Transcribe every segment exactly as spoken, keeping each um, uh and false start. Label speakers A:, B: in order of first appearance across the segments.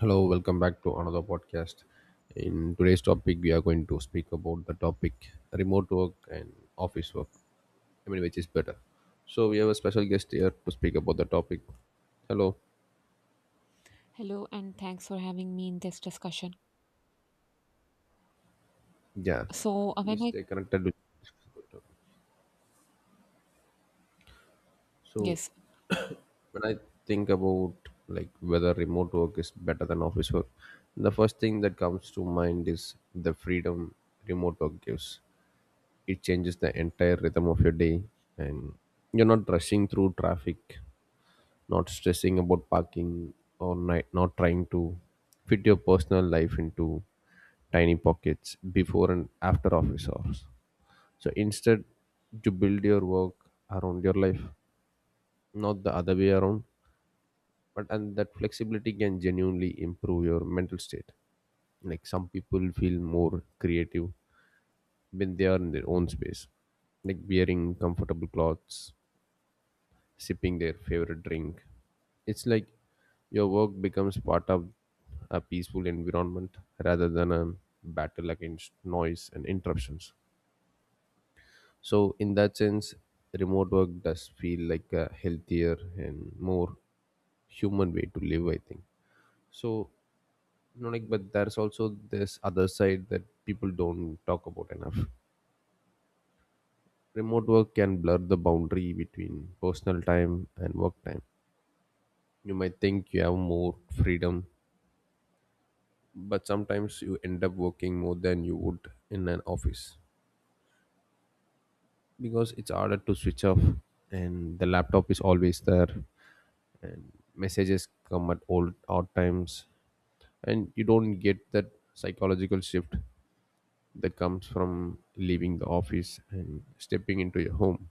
A: Hello, welcome back to another podcast. In today's topic, we are going to speak about the topic remote work and office work. I mean, which is better? So, we have a special guest here to speak about the topic. Hello.
B: Hello, and thanks for having me in this discussion.
A: Yeah.
B: So, uh,
A: Please
B: when I
A: stay connected. To... So,
B: Yes,
A: when I think about like whether remote work is better than office work, the first thing that comes to mind is the freedom remote work gives. It changes the entire rhythm of your day, and you're not rushing through traffic, not stressing about parking, or ni- not trying to fit your personal life into tiny pockets before and after office hours. So instead, you build your work around your life, not the other way around. But and that flexibility can genuinely improve your mental state. Like, some people feel more creative when they are in their own space, like wearing comfortable clothes, sipping their favorite drink. It's like your work becomes part of a peaceful environment rather than a battle against noise and interruptions. So, in that sense, remote work does feel like a healthier and more human way to live, I think. So, you know, like, but there's also this other side that people don't talk about enough. Remote work can blur the boundary between personal time and work time. You might think you have more freedom, but sometimes you end up working more than you would in an office, because it's harder to switch off and the laptop is always there. Messages come at all odd times, and you don't get that psychological shift that comes from leaving the office and stepping into your home.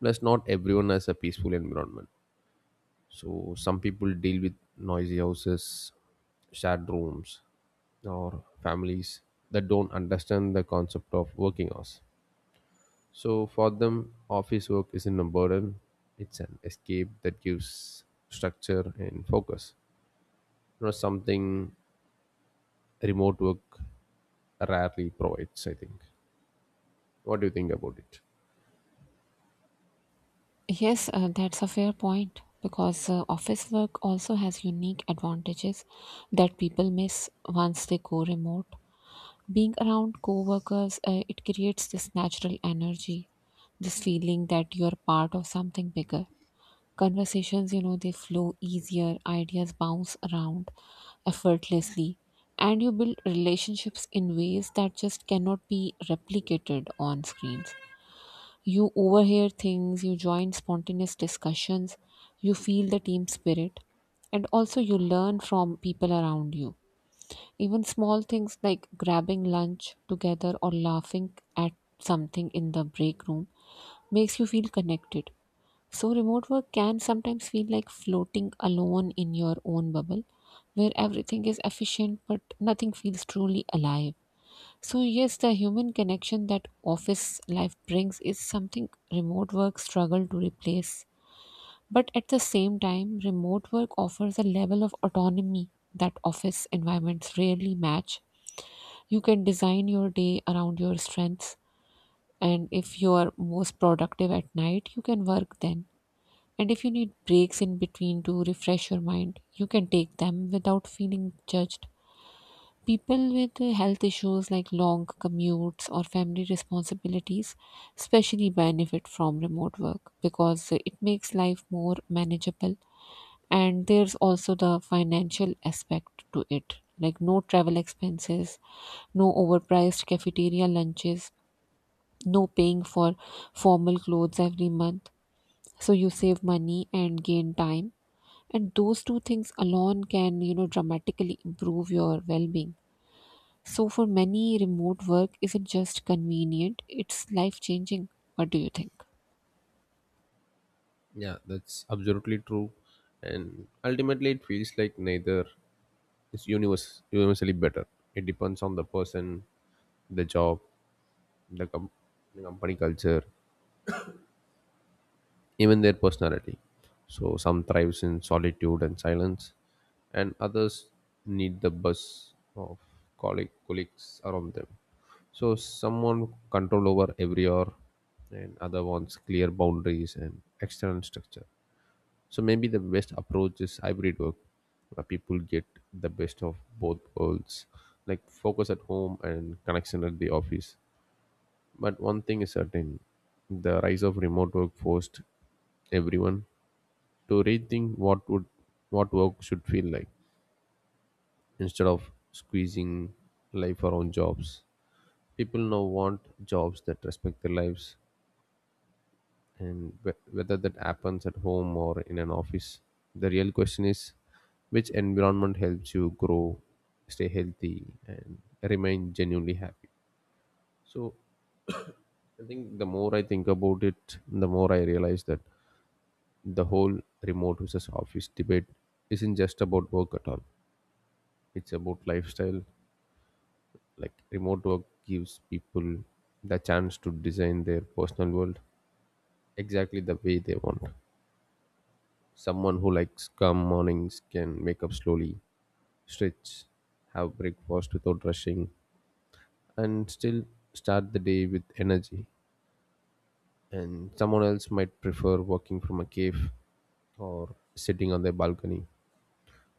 A: Plus, not everyone has a peaceful environment. So some people deal with noisy houses, shared rooms, or families that don't understand the concept of working hours. So for them, office work isn't a burden; it's an escape that gives structure and focus. You know, something remote work rarely provides, I think. What do you think about it?
B: yes, uh, that's a fair point because uh, office work also has unique advantages that people miss once they go remote. Being around coworkers, uh, it creates this natural energy, this feeling that you are part of something bigger. Conversations, you know, they flow easier, ideas bounce around effortlessly, and you build relationships in ways that just cannot be replicated on screens. You overhear things, you join spontaneous discussions, you feel the team spirit, and also you learn from people around you. Even small things like grabbing lunch together or laughing at something in the break room makes you feel connected. So remote work can sometimes feel like floating alone in your own bubble where everything is efficient but nothing feels truly alive. So, yes, the human connection that office life brings is something remote work struggle to replace. But at the same time, remote work offers a level of autonomy that office environments rarely match. You can design your day around your strengths, and if you are most productive at night, you can work then, and if you need breaks in between to refresh your mind, you can take them without feeling judged. People with uh, health issues like long commutes or family responsibilities especially benefit from remote work because uh, it makes life more manageable. And there's also the financial aspect to it, like no travel expenses, no overpriced cafeteria lunches, no paying for formal clothes every month. So you save money and gain time, and those two things alone can, you know, dramatically improve your well-being. So for many, remote work isn't just convenient, it's life changing. What do you think?
A: Yeah, that's absolutely true. And ultimately, it feels like neither is universe, universally better. It depends on the person, the job, the, com- the company culture, even their personality. So, some thrives in solitude and silence, and others need the buzz of colleague, colleagues around them. So, someone control over every hour, and other wants clear boundaries and external structure. So maybe the best approach is hybrid work, where people get the best of both worlds, like focus at home and connection at the office. But one thing is certain, the rise of remote work forced everyone to rethink what would what work should feel like instead of squeezing life around jobs. People now want jobs that respect their lives. And wh- whether that happens at home or in an office, the real question is which environment helps you grow, stay healthy, and remain genuinely happy. So i think the more i think about it, the more I realize that the whole remote versus office debate isn't just about work at all. It's about lifestyle. Like, remote work gives people the chance to design their personal world exactly the way they want. Someone who likes calm mornings can wake up slowly, stretch, have breakfast without rushing, and still start the day with energy. And someone else might prefer working from a cave, or sitting on their balcony,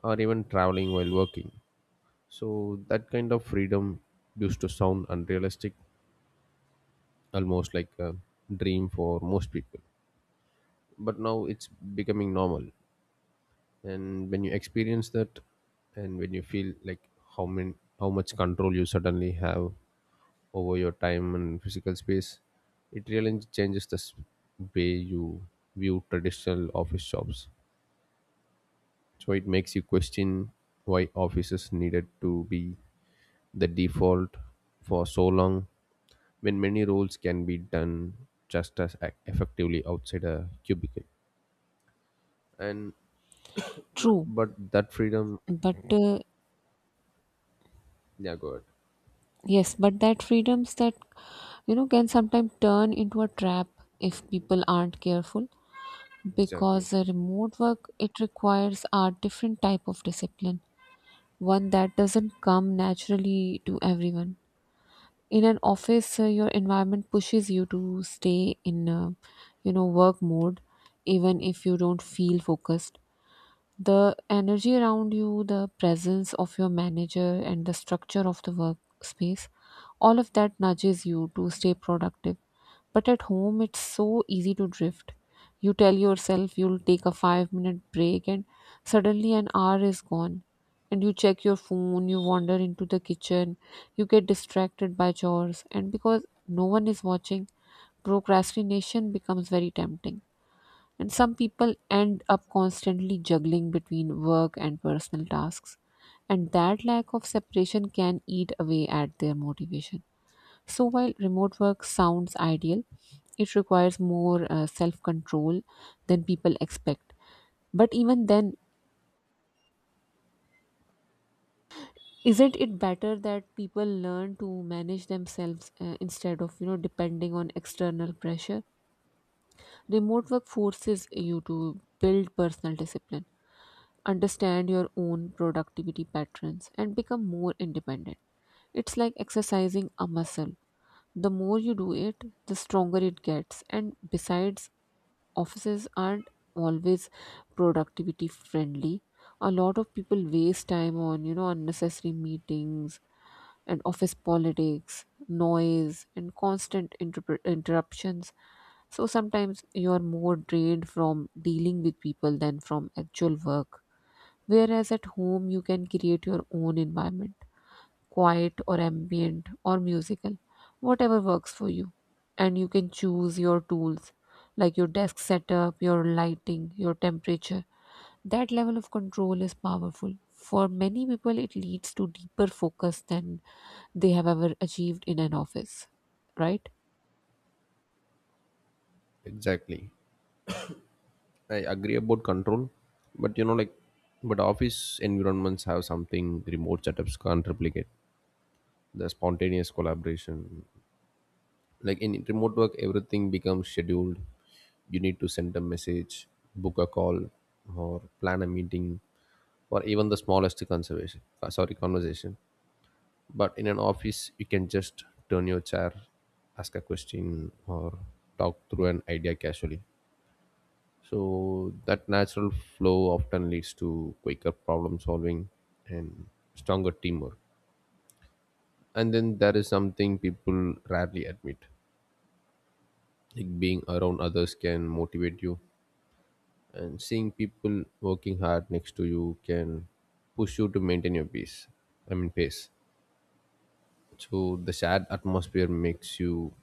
A: or even traveling while working. So, that kind of freedom used to sound unrealistic, almost like a dream for most people. But now it's becoming normal. And when you experience that, and when you feel like how many how much control you suddenly have over your time and physical space, it really changes the s- way you view traditional office jobs. So it makes you question why offices needed to be the default for so long, when many roles can be done just as ac- effectively outside a cubicle. and not,
B: True,
A: but that freedom,
B: but uh,
A: yeah, go ahead.
B: yes, but that freedoms that you know can sometimes turn into a trap if people aren't careful
A: Exactly.
B: because uh, remote work it requires a different type of discipline, one that doesn't come naturally to everyone. In an office, uh, your environment pushes you to stay in, uh, you know, work mode even if you don't feel focused. The energy around you, the presence of your manager, and the structure of the workspace, all of that nudges you to stay productive. But at home, it's so easy to drift. You tell yourself you'll take a five minute break, and suddenly an hour is gone. And you check your phone, you wander into the kitchen, you get distracted by chores, and because no one is watching, procrastination becomes very tempting. And some people end up constantly juggling between work and personal tasks, and that lack of separation can eat away at their motivation. So while remote work sounds ideal, it requires more uh, self control than people expect. But even then, isn't it better that people learn to manage themselves uh, instead of, you know, depending on external pressure? Remote work forces you to build personal discipline, understand your own productivity patterns, and become more independent. It's like exercising a muscle. The more you do it, the stronger it gets. And besides, offices aren't always productivity friendly. A lot of people waste time on, you know, unnecessary meetings and office politics, noise, and constant interp- interruptions. So sometimes you're more drained from dealing with people than from actual work. Whereas at home, you can create your own environment, quiet or ambient or musical, whatever works for you. And you can choose your tools, like your desk setup, your lighting, your temperature. That level of control is powerful. For many people, it leads to deeper focus than they have ever achieved in an office, right?
A: Exactly. I agree about control, but you know, like, but office environments have something remote setups can't replicate: the spontaneous collaboration. Like, in remote work, everything becomes scheduled. You need to send a message, book a call, or plan a meeting, or even the smallest conservation, uh, sorry, conversation. But in an office, you can just turn your chair, ask a question, or talk through an idea casually. So that natural flow often leads to quicker problem solving and stronger teamwork. And then there is something people rarely admit. Like, being around others can motivate you, and seeing people working hard next to you can push you to maintain your peace. I mean pace. So the sad atmosphere makes you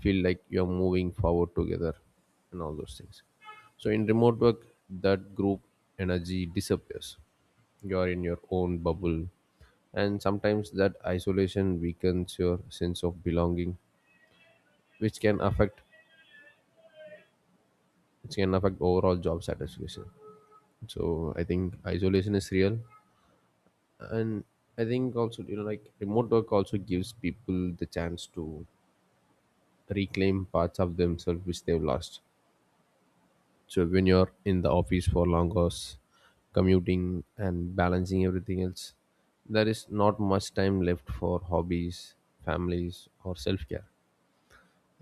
A: feel like you're moving forward together and all those things. So in remote work, that group energy disappears. You're in your own bubble. And sometimes that isolation weakens your sense of belonging, which can affect which can affect overall job satisfaction. So I think isolation is real. And I think also, you know, like, remote work also gives people the chance to reclaim parts of themselves which they've lost. So when you're in the office for long hours, commuting and balancing everything else, there is not much time left for hobbies, families, or self care.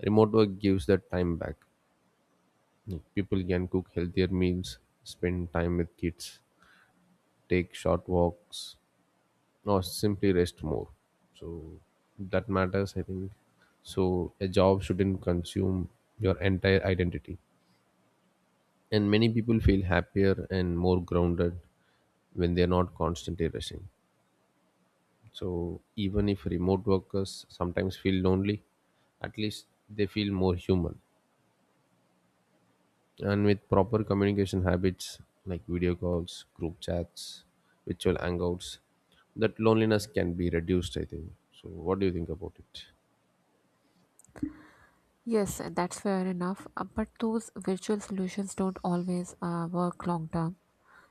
A: Remote work gives that time back. People can cook healthier meals, spend time with kids, take short walks, or simply rest more. So that matters, I think. So a job shouldn't consume your entire identity. And many people feel happier and more grounded when they're not constantly rushing. So even if remote workers sometimes feel lonely, at least they feel more human. And with proper communication habits like video calls, group chats, virtual hangouts, that loneliness can be reduced, I think. So what do you think about it?
B: Yes, that's fair enough. Uh, But those virtual solutions don't always uh, work long term.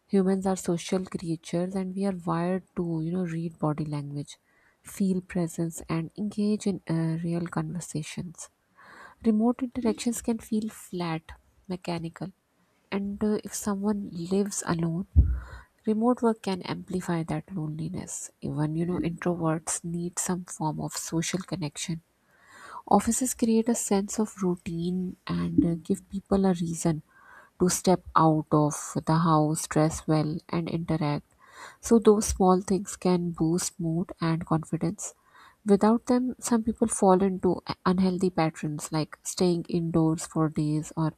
B: Humans are social creatures and we are wired to, you know, read body language, feel presence, and engage in uh, real conversations. Remote interactions can feel flat, mechanical, and uh, if someone lives alone, remote work can amplify that loneliness. Even, you know, introverts need some form of social connection. Offices create a sense of routine and uh, give people a reason to step out of the house, dress well, and interact. So those small things can boost mood and confidence. Without them, some people fall into a- unhealthy patterns like staying indoors for days or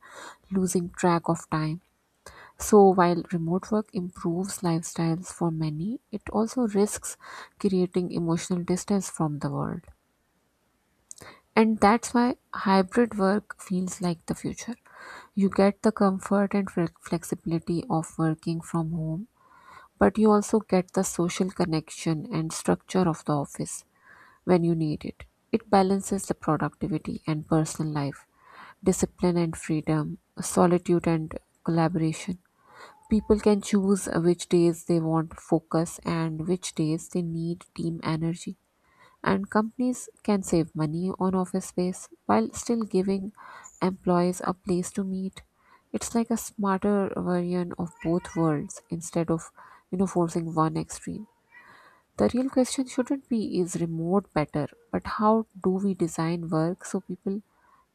B: losing track of time. So while remote work improves lifestyles for many, it also risks creating emotional distance from the world. And that's why hybrid work feels like the future. You get the comfort and fle- flexibility of working from home, but you also get the social connection and structure of the office when you need it. It balances the productivity and personal life, discipline and freedom, solitude and collaboration. People can choose which days they want focus and which days they need team energy. And companies can save money on office space while still giving employees a place to meet. It's like a smarter version of both worlds instead of, you know, forcing one extreme. The real question shouldn't be is remote better, but how do we design work so people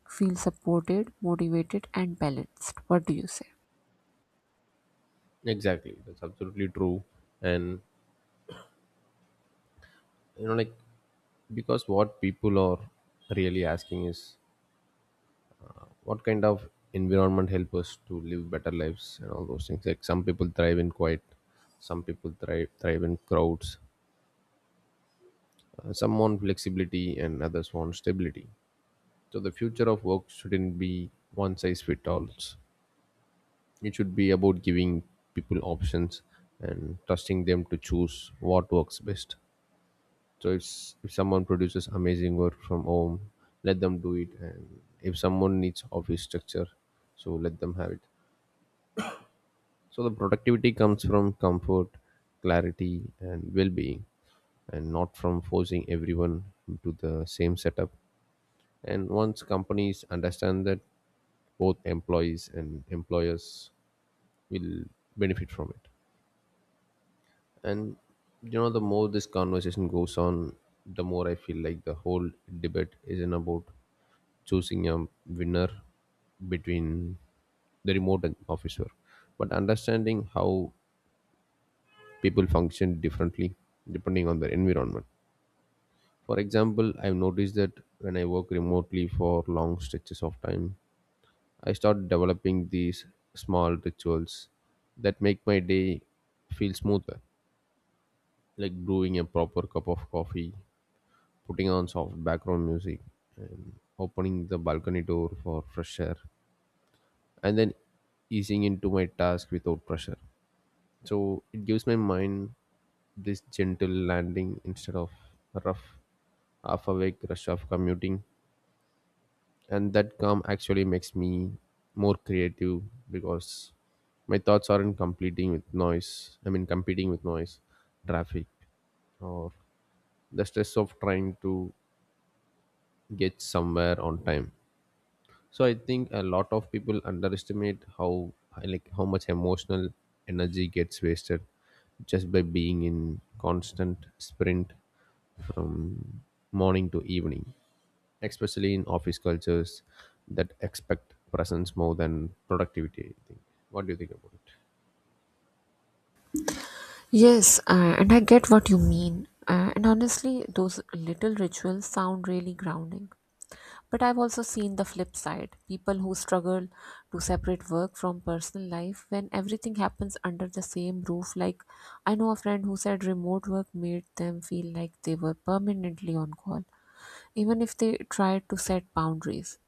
B: feel supported, motivated, and balanced? What do you say?
A: Exactly, that's absolutely true. And you know, like, because what people are really asking is, what kind of environment help us to live better lives and all those things. Like, some people thrive in quiet, some people thrive thrive in crowds. Uh, some want flexibility and others want stability. So the future of work shouldn't be one size fit alls. It should be about giving people options and trusting them to choose what works best. so if, if someone produces amazing work from home, let them do it. And if someone needs office structure, so let them have it. So the productivity comes from comfort, clarity, and well-being, and not from forcing everyone into the same setup. And once companies understand that, both employees and employers will benefit from it. And you know, the more this conversation goes on, the more I feel like the whole debate isn't about choosing a winner between the remote and office work, but understanding how people function differently depending on their environment. For example, I've noticed that when I work remotely for long stretches of time, I start developing these small rituals that make my day feel smoother, like brewing a proper cup of coffee, putting on soft background music, and opening the balcony door for fresh air, and then easing into my task without pressure. So it gives my mind this gentle landing instead of rough half awake rush of commuting. And that calm actually makes me more creative because my thoughts aren't completing with noise. I mean competing with noise, traffic, or the stress of trying to get somewhere on time. So I think a lot of people underestimate how like how much emotional energy gets wasted just by being in constant sprint from morning to evening, especially in office cultures that expect presence more than productivity, I think. What do you think about it?
B: Yes, uh, and I get what you mean. Uh, and honestly, those little rituals sound really grounding. But I've also seen the flip side, people who struggle to separate work from personal life when everything happens under the same roof. Like, I know a friend who said remote work made them feel like they were permanently on call, even if they tried to set boundaries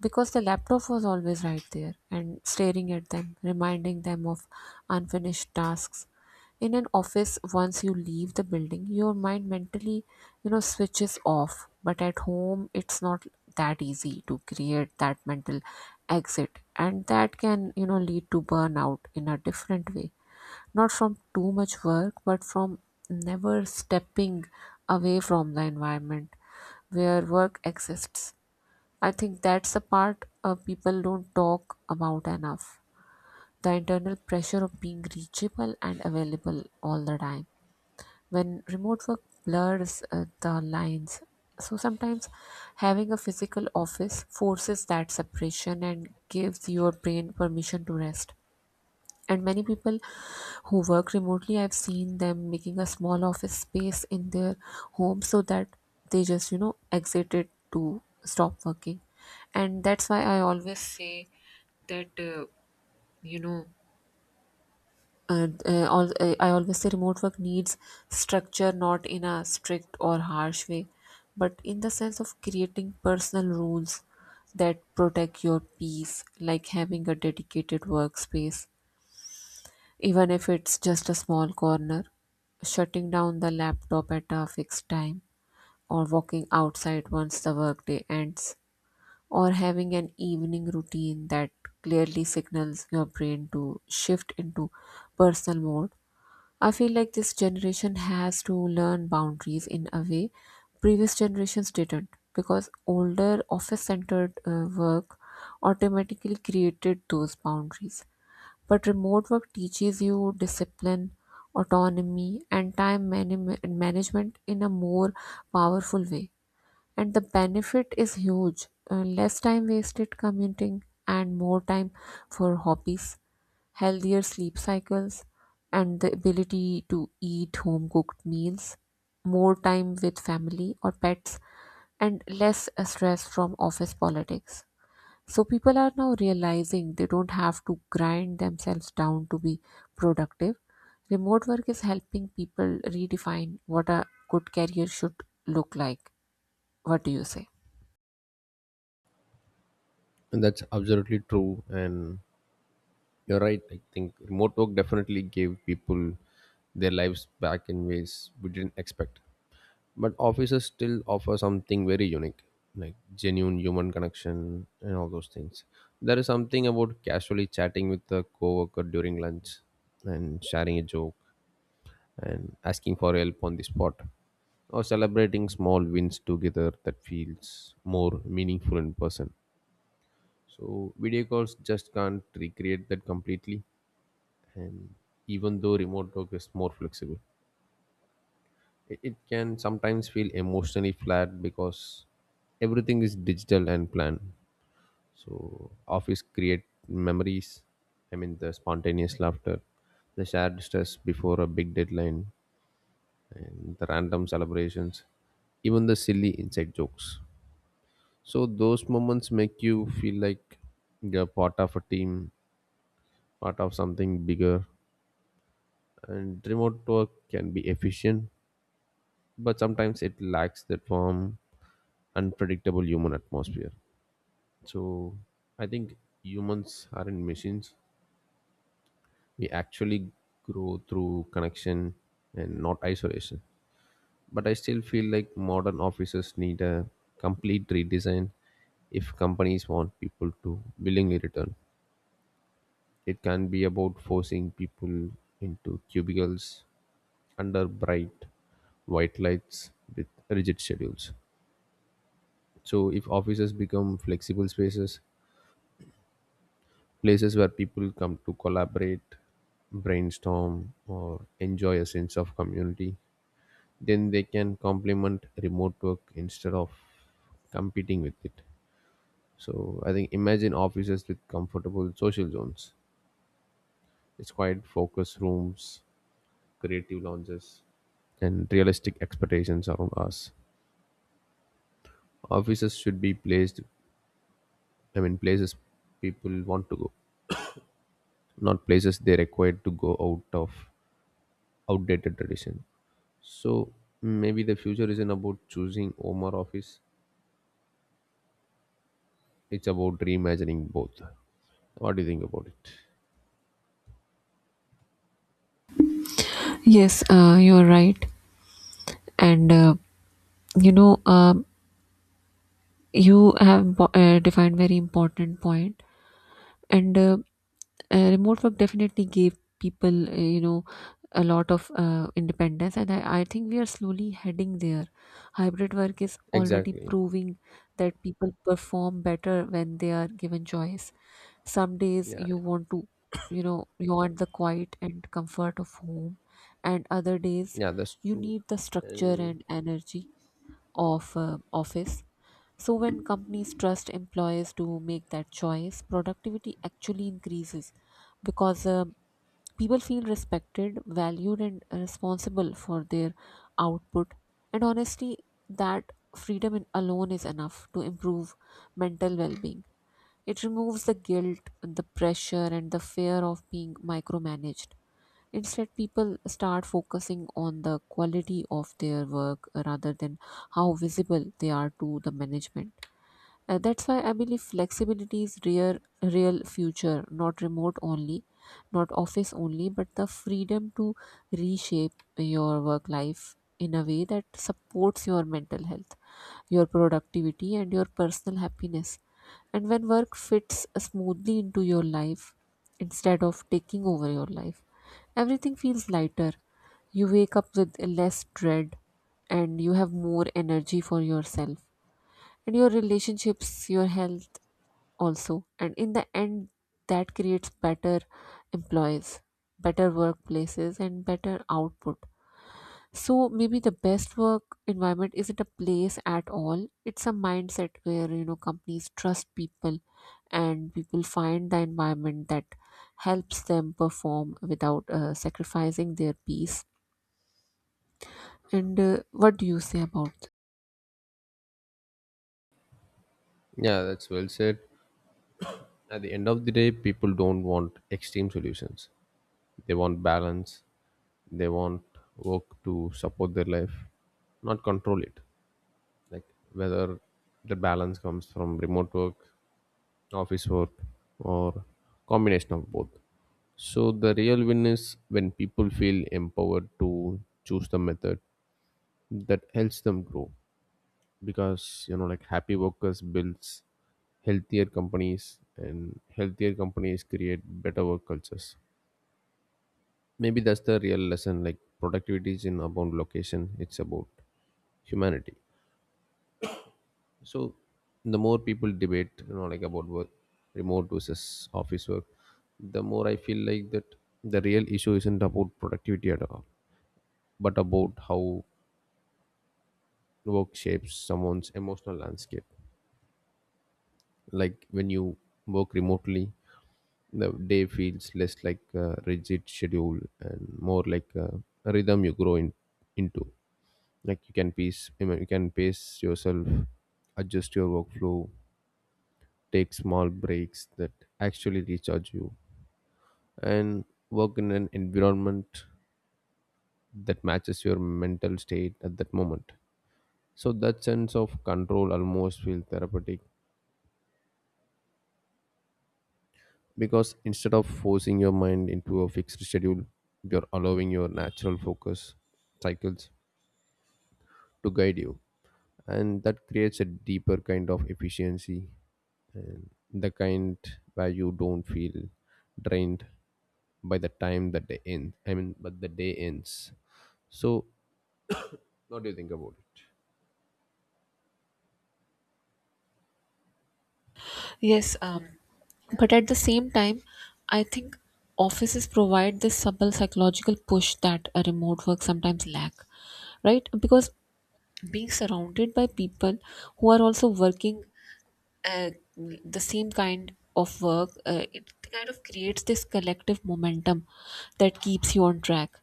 B: because the laptop was always right there and staring at them, reminding them of unfinished tasks. In an office, once you leave the building, your mind mentally, you know, switches off. But at home, it's not that easy to create that mental exit. And that can, you know, lead to burnout in a different way. Not from too much work, but from never stepping away from the environment where work exists. I think that's the part uh, people don't talk about enough. The internal pressure of being reachable and available all the time. When remote work blurs uh, the lines, so sometimes having a physical office forces that separation and gives your brain permission to rest. And many people who work remotely, I've seen them making a small office space in their home so that they just, you know, exit it to stop working. And that's why I always say that, uh, you know uh, uh, all, uh, I always say remote work needs structure, not in a strict or harsh way but in the sense of creating personal rules that protect your peace, like having a dedicated workspace even if it's just a small corner, shutting down the laptop at a fixed time, or walking outside once the workday ends, or having an evening routine that clearly signals your brain to shift into personal mode. I feel like this generation has to learn boundaries in a way previous generations didn't because older office centered work automatically created those boundaries, but remote work teaches you discipline, autonomy, and time mani- management in a more powerful way. And the benefit is huge. Uh, less time wasted commuting, and more time for hobbies, healthier sleep cycles, and the ability to eat home cooked meals, more time with family or pets, and less uh, stress from office politics. So people are now realizing they don't have to grind themselves down to be productive. Remote work is helping people redefine what a good career should look like. What do you say?
A: And that's absolutely true. And you're right, I think remote work definitely gave people their lives back in ways we didn't expect. But offices still offer something very unique, like genuine human connection and all those things. There is something about casually chatting with a coworker during lunch and sharing a joke and asking for help on the spot or celebrating small wins together that feels more meaningful in person. So video calls just can't recreate that completely. And even though remote work is more flexible, it, it can sometimes feel emotionally flat because everything is digital and planned. So office create memories. I mean, the spontaneous laughter, the shared stress before a big deadline, and the random celebrations, even the silly inside jokes. So those moments make you feel like you're part of a team, part of something bigger. And remote work can be efficient, but sometimes it lacks that warm, unpredictable human atmosphere. So I think humans aren't machines. We actually grow through connection and not isolation. But I still feel like modern offices need a complete redesign if companies want people to willingly return. It can be about forcing people into cubicles under bright white lights with rigid schedules. So if offices become flexible spaces, places where people come to collaborate, brainstorm, or enjoy a sense of community, then they can complement remote work instead of competing with it. So I think imagine offices with comfortable social zones. It's quiet focus rooms, creative lounges, and realistic expectations around us. Offices should be placed I mean places people want to go, not places they required to go out of outdated tradition. So maybe the future isn't about choosing home or office; it's about reimagining both. What do you think about it?
B: Yes, uh, you're right. And uh, you know, um you have bo- uh, defined very important point. and uh, uh, remote work definitely gave people, uh, you know, a lot of uh, independence, and I, I think we are slowly heading there. Hybrid work is already
A: Exactly.
B: proving that people perform better when they are given choice. Some days
A: Yeah.
B: you want to, you know, you want the quiet and comfort of home, and other days
A: Yeah, that's
B: you
A: true.
B: need the structure
A: And
B: and energy of uh, office. So when companies trust employers to make that choice, productivity actually increases because uh, people feel respected, valued, and responsible for their output. And honestly, that freedom in- alone is enough to improve mental well being. It removes the guilt, the pressure, and the fear of being micromanaged. Instead, people start focusing on the quality of their work rather than how visible they are to the management. Uh, that's why I believe flexibility is real, real future, not remote only, not office only, but the freedom to reshape your work life in a way that supports your mental health, your productivity, and your personal happiness. And when work fits smoothly into your life instead of taking over your life, everything feels lighter. You wake up with less dread and you have more energy for yourself and your relationships, your health, also. And in the end, that creates better employees, better workplaces, and better output. So maybe the best work environment isn't a place at all, it's a mindset where, you know, companies trust people and people find the environment that helps them perform without uh, sacrificing their peace. And uh, what do you say about?
A: yeah, that's well said. At the end of the day, people don't want extreme solutions. They want balance. They want work to support their life, not control it. Like, whether the balance comes from remote work, office work, or combination of both, so the real win is when people feel empowered to choose the method that helps them grow. Because you know, like, happy workers builds healthier companies, and healthier companies create better work cultures. Maybe that's the real lesson. Like, productivity is in about location, it's about humanity. So the more people debate, you know, like, about work, remote versus office work, the more I feel like that the real issue isn't about productivity at all, but about how work shapes someone's emotional landscape. Like, when you work remotely, the day feels less like a rigid schedule and more like a rhythm you grow in, into. Like, you can pace you know, you can pace yourself, adjust your workflow, take small breaks that actually recharge you, and work in an environment that matches your mental state at that moment. So that sense of control almost feels therapeutic, because instead of forcing your mind into a fixed schedule, you're allowing your natural focus cycles to guide you. And that creates a deeper kind of efficiency, and the kind where you don't feel drained by the time that the end I mean but the day ends. So what do you think about it?
B: Yes, um, but at the same time, I think offices provide this subtle psychological push that a remote work sometimes lack, right? Because being surrounded by people who are also working, uh, the same kind of work, uh, it kind of creates this collective momentum that keeps you on track.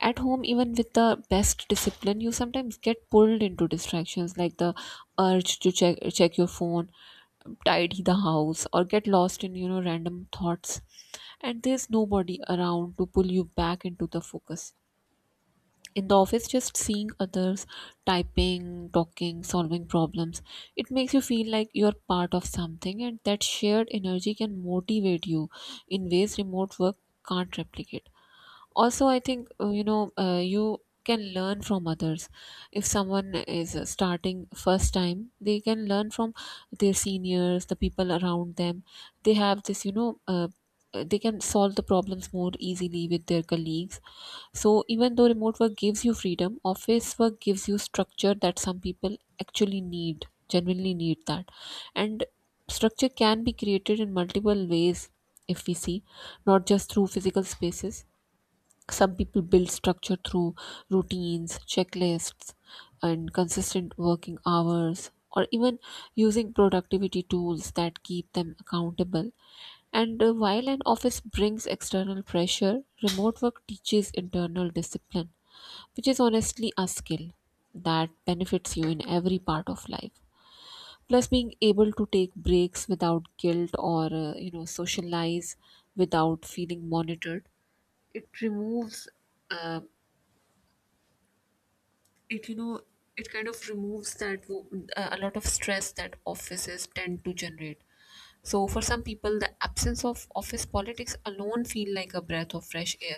B: At home, even with the best discipline, you sometimes get pulled into distractions, like the urge to check check your phone, tidy the house, or get lost in, you know, random thoughts, and there's nobody around to pull you back into the focus. In the office, just seeing others typing, talking, solving problems, it makes you feel like you're part of something, and that shared energy can motivate you in ways remote work can't replicate. Also, I think, uh, you know uh, you can learn from others. If someone is, uh, starting first time, they can learn from their seniors, the people around them. They have this, you know, uh, uh, they can solve the problems more easily with their colleagues. So even though remote work gives you freedom, office work gives you structure that some people actually need, genuinely need that. And structure can be created in multiple ways, if we see, not just through physical spaces. Some people build structure through routines, checklists, and consistent working hours, or even using productivity tools that keep them accountable. And uh, while an office brings external pressure, remote work teaches internal discipline, which is honestly a skill that benefits you in every part of life. Plus, being able to take breaks without guilt or, uh, you know, socialize without feeling monitored, it removes. Uh, it you know it kind of removes that wo- uh, a lot of stress that offices tend to generate. So for some people the absence of office politics alone feel like a breath of fresh air.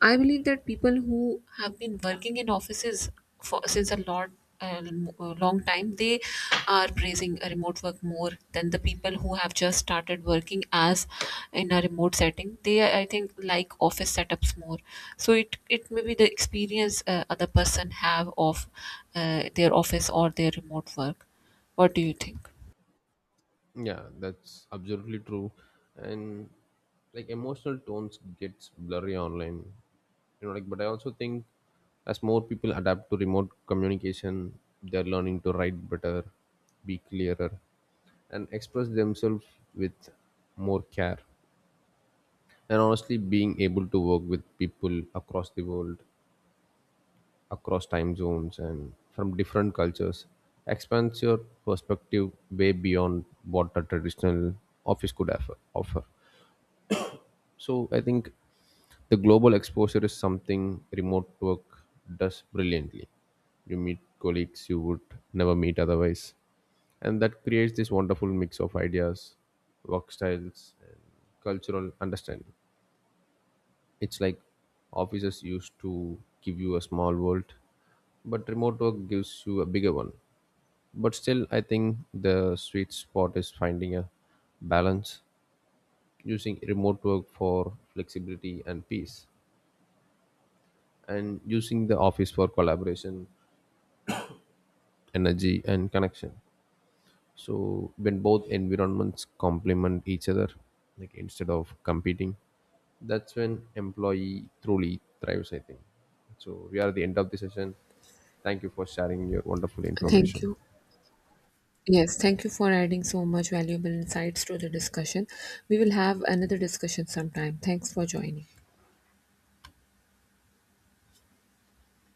B: I believe that people who have been working in offices for since a lot, uh, a long time, they are praising a remote work more than the people who have just started working as in a remote setting, they I think like office setups more. So it it may be the experience uh, other person have of uh, their office or their remote work. What do you think?
A: Yeah, that's absolutely true. And, like, emotional tones gets blurry online. You know, like, but I also think as more people adapt to remote communication, they're learning to write better, be clearer, and express themselves with more care. And honestly, being able to work with people across the world, across time zones and from different cultures, expands your perspective way beyond what a traditional office could offer. offer. So I think the global exposure is something remote work does brilliantly. You meet colleagues you would never meet otherwise, and that creates this wonderful mix of ideas, work styles, and cultural understanding. It's like offices used to give you a small world, but remote work gives you a bigger one. But still, I think the sweet spot is finding a balance, using remote work for flexibility and peace, and using the office for collaboration, energy, and connection. So, when both environments complement each other, like instead of competing, that's when employee truly thrives, I think. So, we are at the end of the session. Thank you for sharing your wonderful
B: Thank
A: information.
B: you. Yes, thank you for adding so much valuable insights to the discussion. We will have another discussion sometime. Thanks for joining.